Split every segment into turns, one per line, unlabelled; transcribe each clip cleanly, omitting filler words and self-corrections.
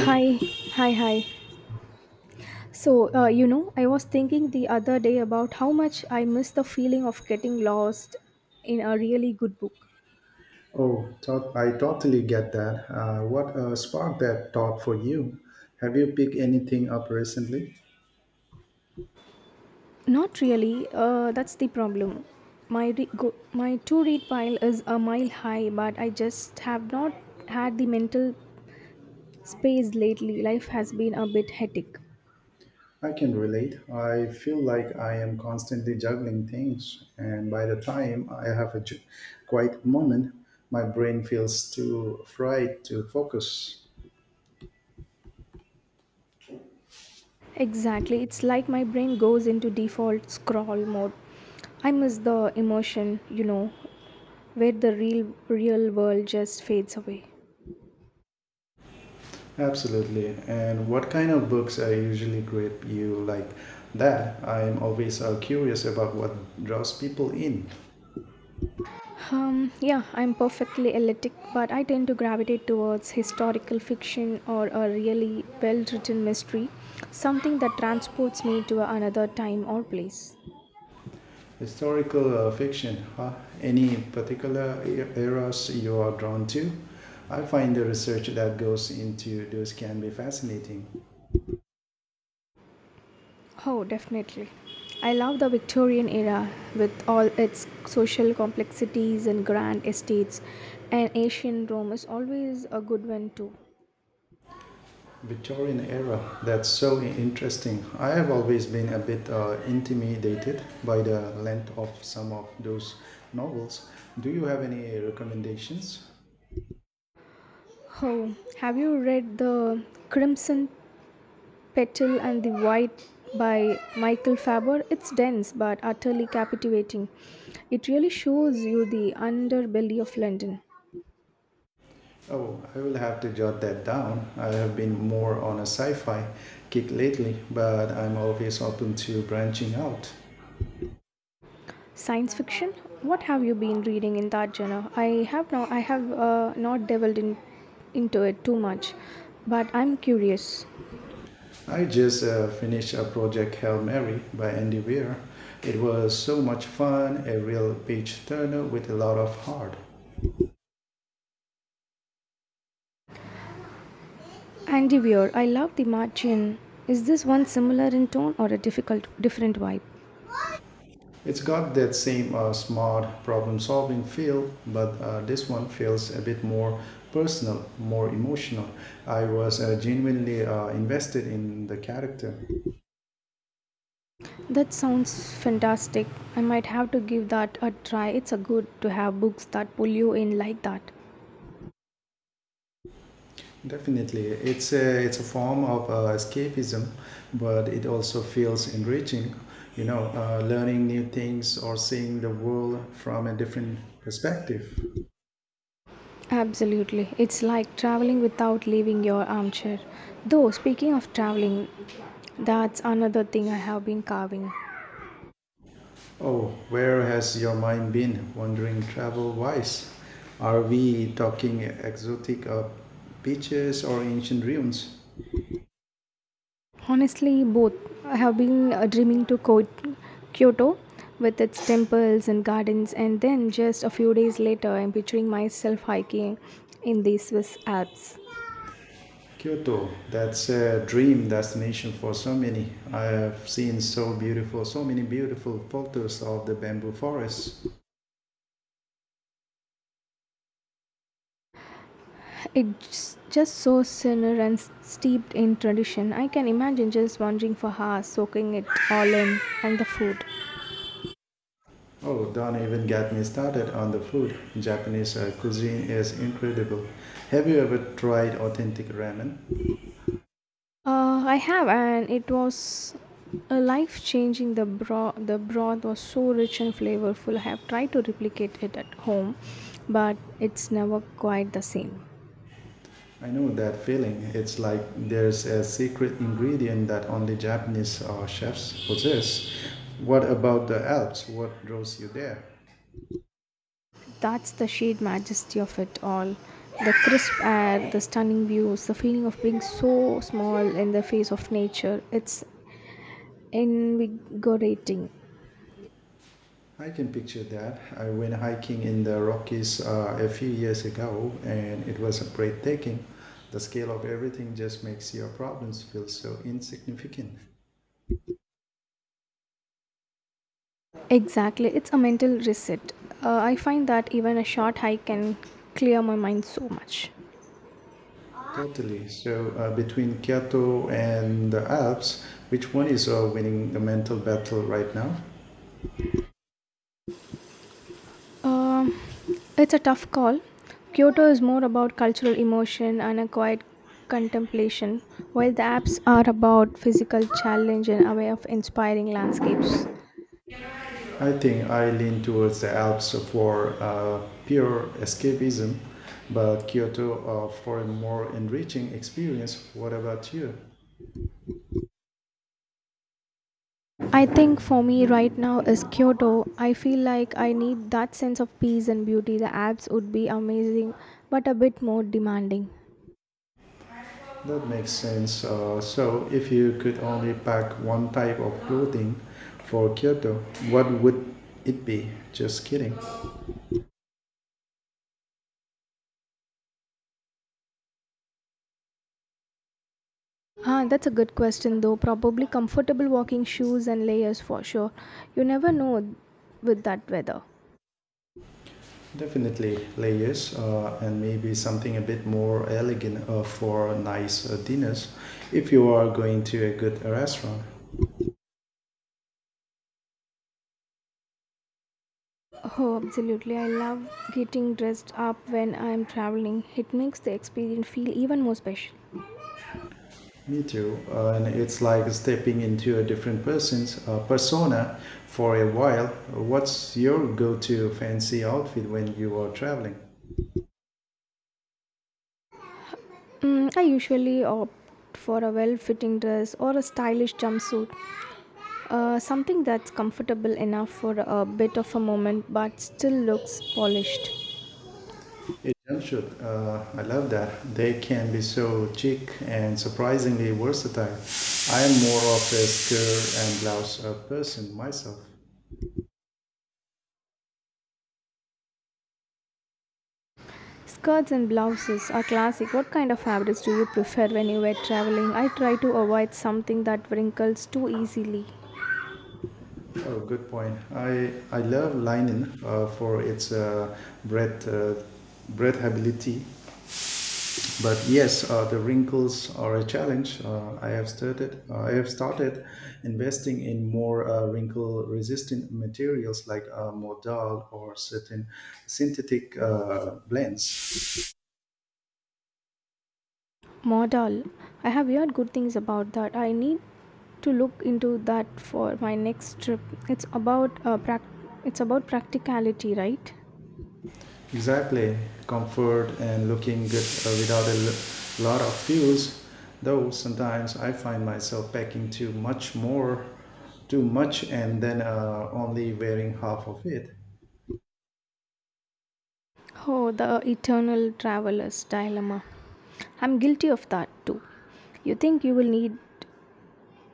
Hi, hi, hi. So, I was thinking the other day about how much I miss the feeling of getting lost in a really good book.
Oh, I totally get that. What sparked that thought for you? Have you picked anything up recently?
Not really, that's the problem. My, my to read pile is a mile high, but I just have not had the mental space lately. Life has been a bit hectic.
I can relate. I feel like I am constantly juggling things, and by the time I have a quiet moment, my brain feels too fried to focus.
Exactly. It's like my brain goes into default scroll mode. I miss the emotion, where the real world just fades away.
Absolutely. And what kind of books are usually great you like that? I'm always curious about what draws people in.
Yeah, I'm perfectly eclectic, but I tend to gravitate towards historical fiction or a really well-written mystery, something that transports me to another time or place.
Historical fiction, huh? Any particular eras you are drawn to? I find the research that goes into those can be fascinating.
Oh, definitely. I love the Victorian era with all its social complexities and grand estates, and ancient Rome is always a good one too.
Victorian era, that's so interesting. I have always been a bit intimidated by the length of some of those novels. Do you have any recommendations?
Oh, have you read The Crimson Petal and the White by Michael Faber? It's dense but utterly captivating. It really shows you the underbelly of London.
Oh, I will have to jot that down. I have been more on a sci fi kick lately, but I'm always open to branching out.
Science fiction? What have you been reading in that genre? I have not delved into it too much, but I'm curious.
I just finished a Project Hail Mary by Andy Weir. It was so much fun, a real page turner with a lot of heart.
Andy Weir, I love The Martian. Is this one similar in tone or different vibe?
It's got that same smart problem solving feel, but this one feels a bit more personal, more emotional. I was genuinely invested in the character.
That sounds fantastic. I might have to give that a try. It's a good to have books that pull you in like that.
Definitely, it's a form of escapism, but it also feels enriching. You know, learning new things or seeing the world from a different perspective.
Absolutely. It's like traveling without leaving your armchair. Though, speaking of traveling, that's another thing I have been carving.
Oh, where has your mind been wandering travel-wise? Are we talking exotic beaches or ancient ruins?
Honestly, both. I have been dreaming to go Kyoto with its temples and gardens, and then just a few days later, I'm picturing myself hiking in the Swiss Alps.
Kyoto, that's a dream destination for so many. I have seen so beautiful, so many beautiful photos of the bamboo forests.
It's just so serene and steeped in tradition. I can imagine just wandering for hours, soaking it all in, and the food.
Oh, don't even get me started on the food. Japanese cuisine is incredible. Have you ever tried authentic ramen?
I have, and it was a life changing. The broth was so rich and flavorful. I have tried to replicate it at home, but it's never quite the same.
I know that feeling. It's like there's a secret ingredient that only Japanese chefs possess. What about the Alps? What draws you there?
That's the sheer majesty of it all. The crisp air, the stunning views, the feeling of being so small in the face of nature. It's invigorating.
I can picture that. I went hiking in the Rockies a few years ago and it was breathtaking. The scale of everything just makes your problems feel so insignificant.
Exactly, it's a mental reset. I find that even a short hike can clear my mind so much.
Totally. So between Kyoto and the Alps, which one is winning the mental battle right now?
Um, it's a tough call. Kyoto is more about cultural emotion and a quiet contemplation, while the apps are about physical challenge and a way of inspiring landscapes.
I think I lean towards the Alps for pure escapism, but Kyoto for a more enriching experience. What about you?
I think for me right now is Kyoto. I feel like I need that sense of peace and beauty. The apps would be amazing, but a bit more demanding.
That makes sense. So if you could only pack one type of clothing for Kyoto, what would it be? Just kidding.
Ah, that's a good question though. Probably comfortable walking shoes and layers for sure. You never know with that weather.
Definitely layers and maybe something a bit more elegant for nice dinners if you are going to a good restaurant.
Oh, absolutely. I love getting dressed up when I'm traveling. It makes the experience feel even more special.
Me too. And it's like stepping into a different person's persona for a while. What's your go to fancy outfit when you are traveling?
I usually opt for a well fitting dress or a stylish jumpsuit, something that's comfortable enough for a bit of a moment but still looks polished.
A jumpsuit. I love that. They can be so chic and surprisingly versatile. I am more of a skirt and blouse person myself.
Skirts and blouses are classic. What kind of fabrics do you prefer when you were traveling? I try to avoid something that wrinkles too easily.
Oh, good point. I love linen for its breath, uh, breathability. But yes, the wrinkles are a challenge. I have started investing in more wrinkle-resistant materials like modal or certain synthetic blends.
Modal. I have heard good things about that. I need to look into that for my next trip. It's about it's about practicality, right?
Exactly, comfort and looking good without a lot of fuels. Though sometimes I find myself packing too much more, too much, and then only wearing half of it.
Oh, the eternal traveler's dilemma. I'm guilty of that too. You think you will need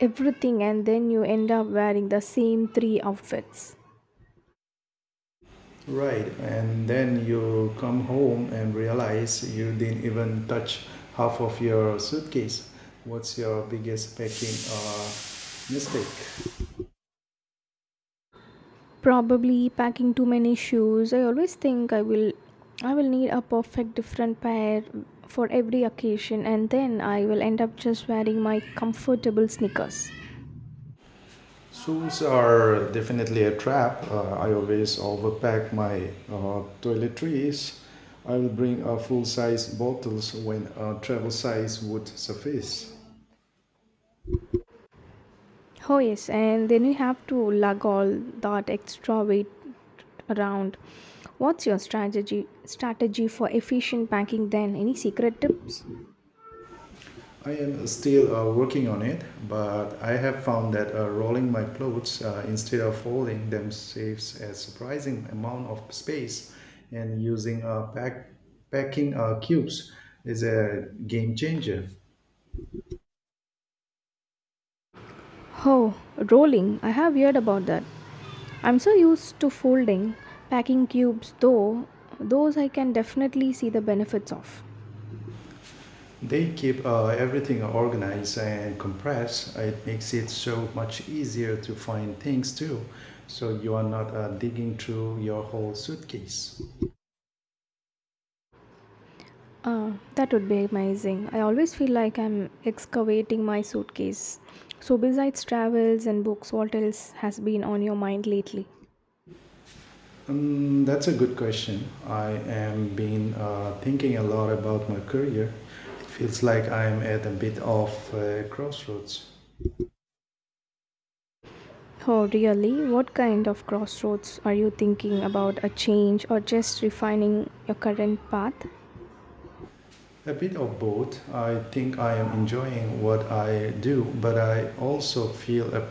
everything and then you end up wearing the same three outfits.
Right, and then you come home and realize you didn't even touch half of your suitcase. What's your biggest packing mistake?
Probably packing too many shoes. I always think I will need a perfect different pair for every occasion and then I will end up just wearing my comfortable sneakers.
Shoes are definitely a trap. I always overpack my toiletries. I will bring full size bottles when travel size would suffice.
Oh yes, and then you have to lug all that extra weight around. What's your strategy for efficient packing then? Any secret tips?
I am still working on it, but I have found that rolling my clothes instead of folding them saves a surprising amount of space, and using packing cubes is a game changer.
Oh, rolling. I have heard about that. I'm so used to folding, packing cubes, though, those I can definitely see the benefits of.
They keep everything organized and compressed. It makes it so much easier to find things too. So you are not digging through your whole suitcase.
Ah, that would be amazing. I always feel like I'm excavating my suitcase. So, besides travels and books, what else has been on your mind lately?
That's a good question. I am been thinking a lot about my career. It feels like I am at a bit of a crossroads.
Oh, really? What kind of crossroads are you thinking about, a change or just refining your current path?
A bit of both. I think I am enjoying what I do, but I also feel a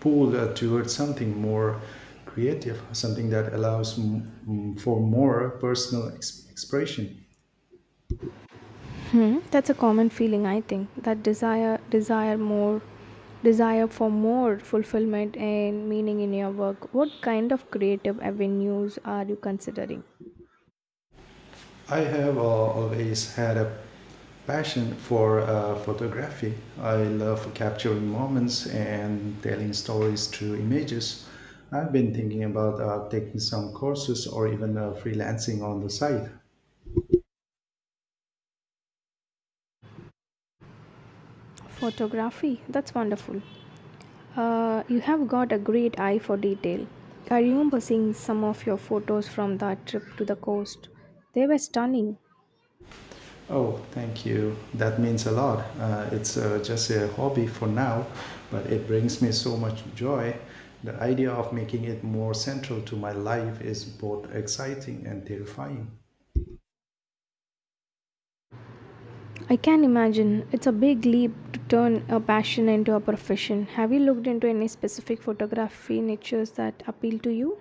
pull towards something more creative, something that allows for more personal expression.
Hmm, that's a common feeling, I think. That desire for more fulfillment and meaning in your work. What kind of creative avenues are you considering?
I have always had a passion for photography. I love capturing moments and telling stories through images. I've been thinking about taking some courses or even freelancing on the side.
Photography, that's wonderful. You have got a great eye for detail. I remember seeing some of your photos from that trip to the coast. They were stunning.
Oh, thank you. That means a lot. It's just a hobby for now, but it brings me so much joy. The idea of making it more central to my life is both exciting and terrifying.
I can imagine. It's a big leap to turn a passion into a profession. Have you looked into any specific photography niches that appeal to you?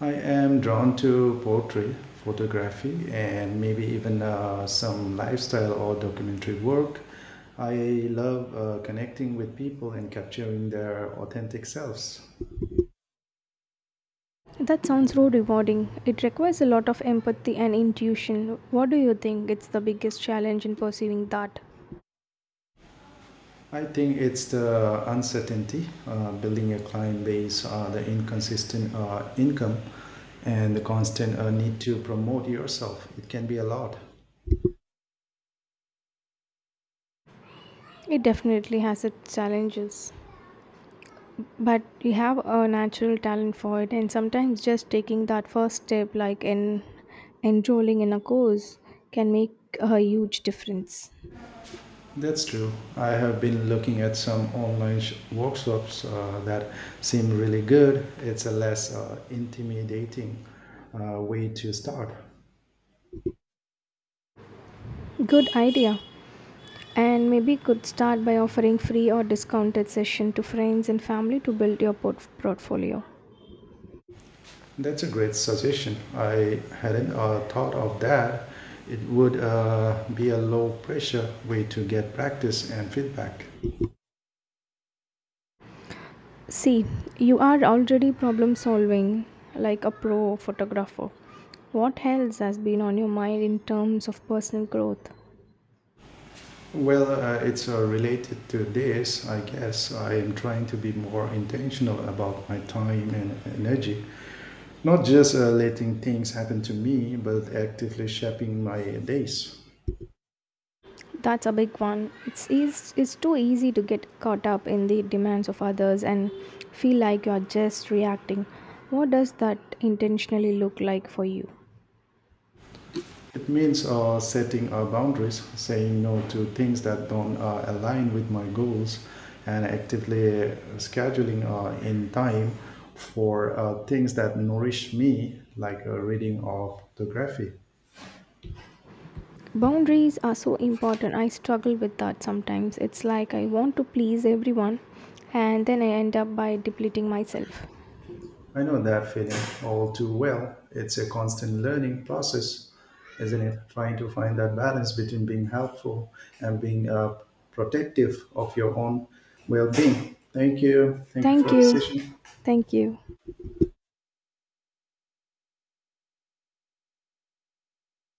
I am drawn to poetry, photography, and maybe even some lifestyle or documentary work. I love connecting with people and capturing their authentic selves.
That sounds so rewarding. It requires a lot of empathy and intuition. What do you think it's the biggest challenge in pursuing that?
I think it's the uncertainty, building a client base, the inconsistent income, and the constant need to promote yourself. It can be a lot.
It definitely has its challenges. But you have a natural talent for it, and sometimes just taking that first step, like in enrolling in a course, can make a huge difference.
That's true. I have been looking at some online workshops that seem really good. It's a less intimidating way to start.
Good idea. And maybe could start by offering free or discounted session to friends and family to build your portfolio.
That's a great suggestion. I hadn't thought of that. It would be a low pressure way to get practice and feedback.
See, you are already problem solving like a pro photographer. What else has been on your mind in terms of personal growth?
Well, it's related to this, I guess. I am trying to be more intentional about my time and energy, not just letting things happen to me, but actively shaping my days.
That's a big one. It's eas it's too easy to get caught up in the demands of others and feel like you're just reacting. What does that intentionally look like for you?
It means setting boundaries, saying no to things that don't align with my goals, and actively scheduling in time for things that nourish me, like reading or photography.
Boundaries are so important. I struggle with that sometimes. It's like I want to please everyone and then I end up by depleting myself.
I know that feeling all too well. It's a constant learning process, isn't it? Trying to find that balance between being helpful and being protective of your own well being. Thank you. Thank you
Thank
for the
you.
session.
Thank you.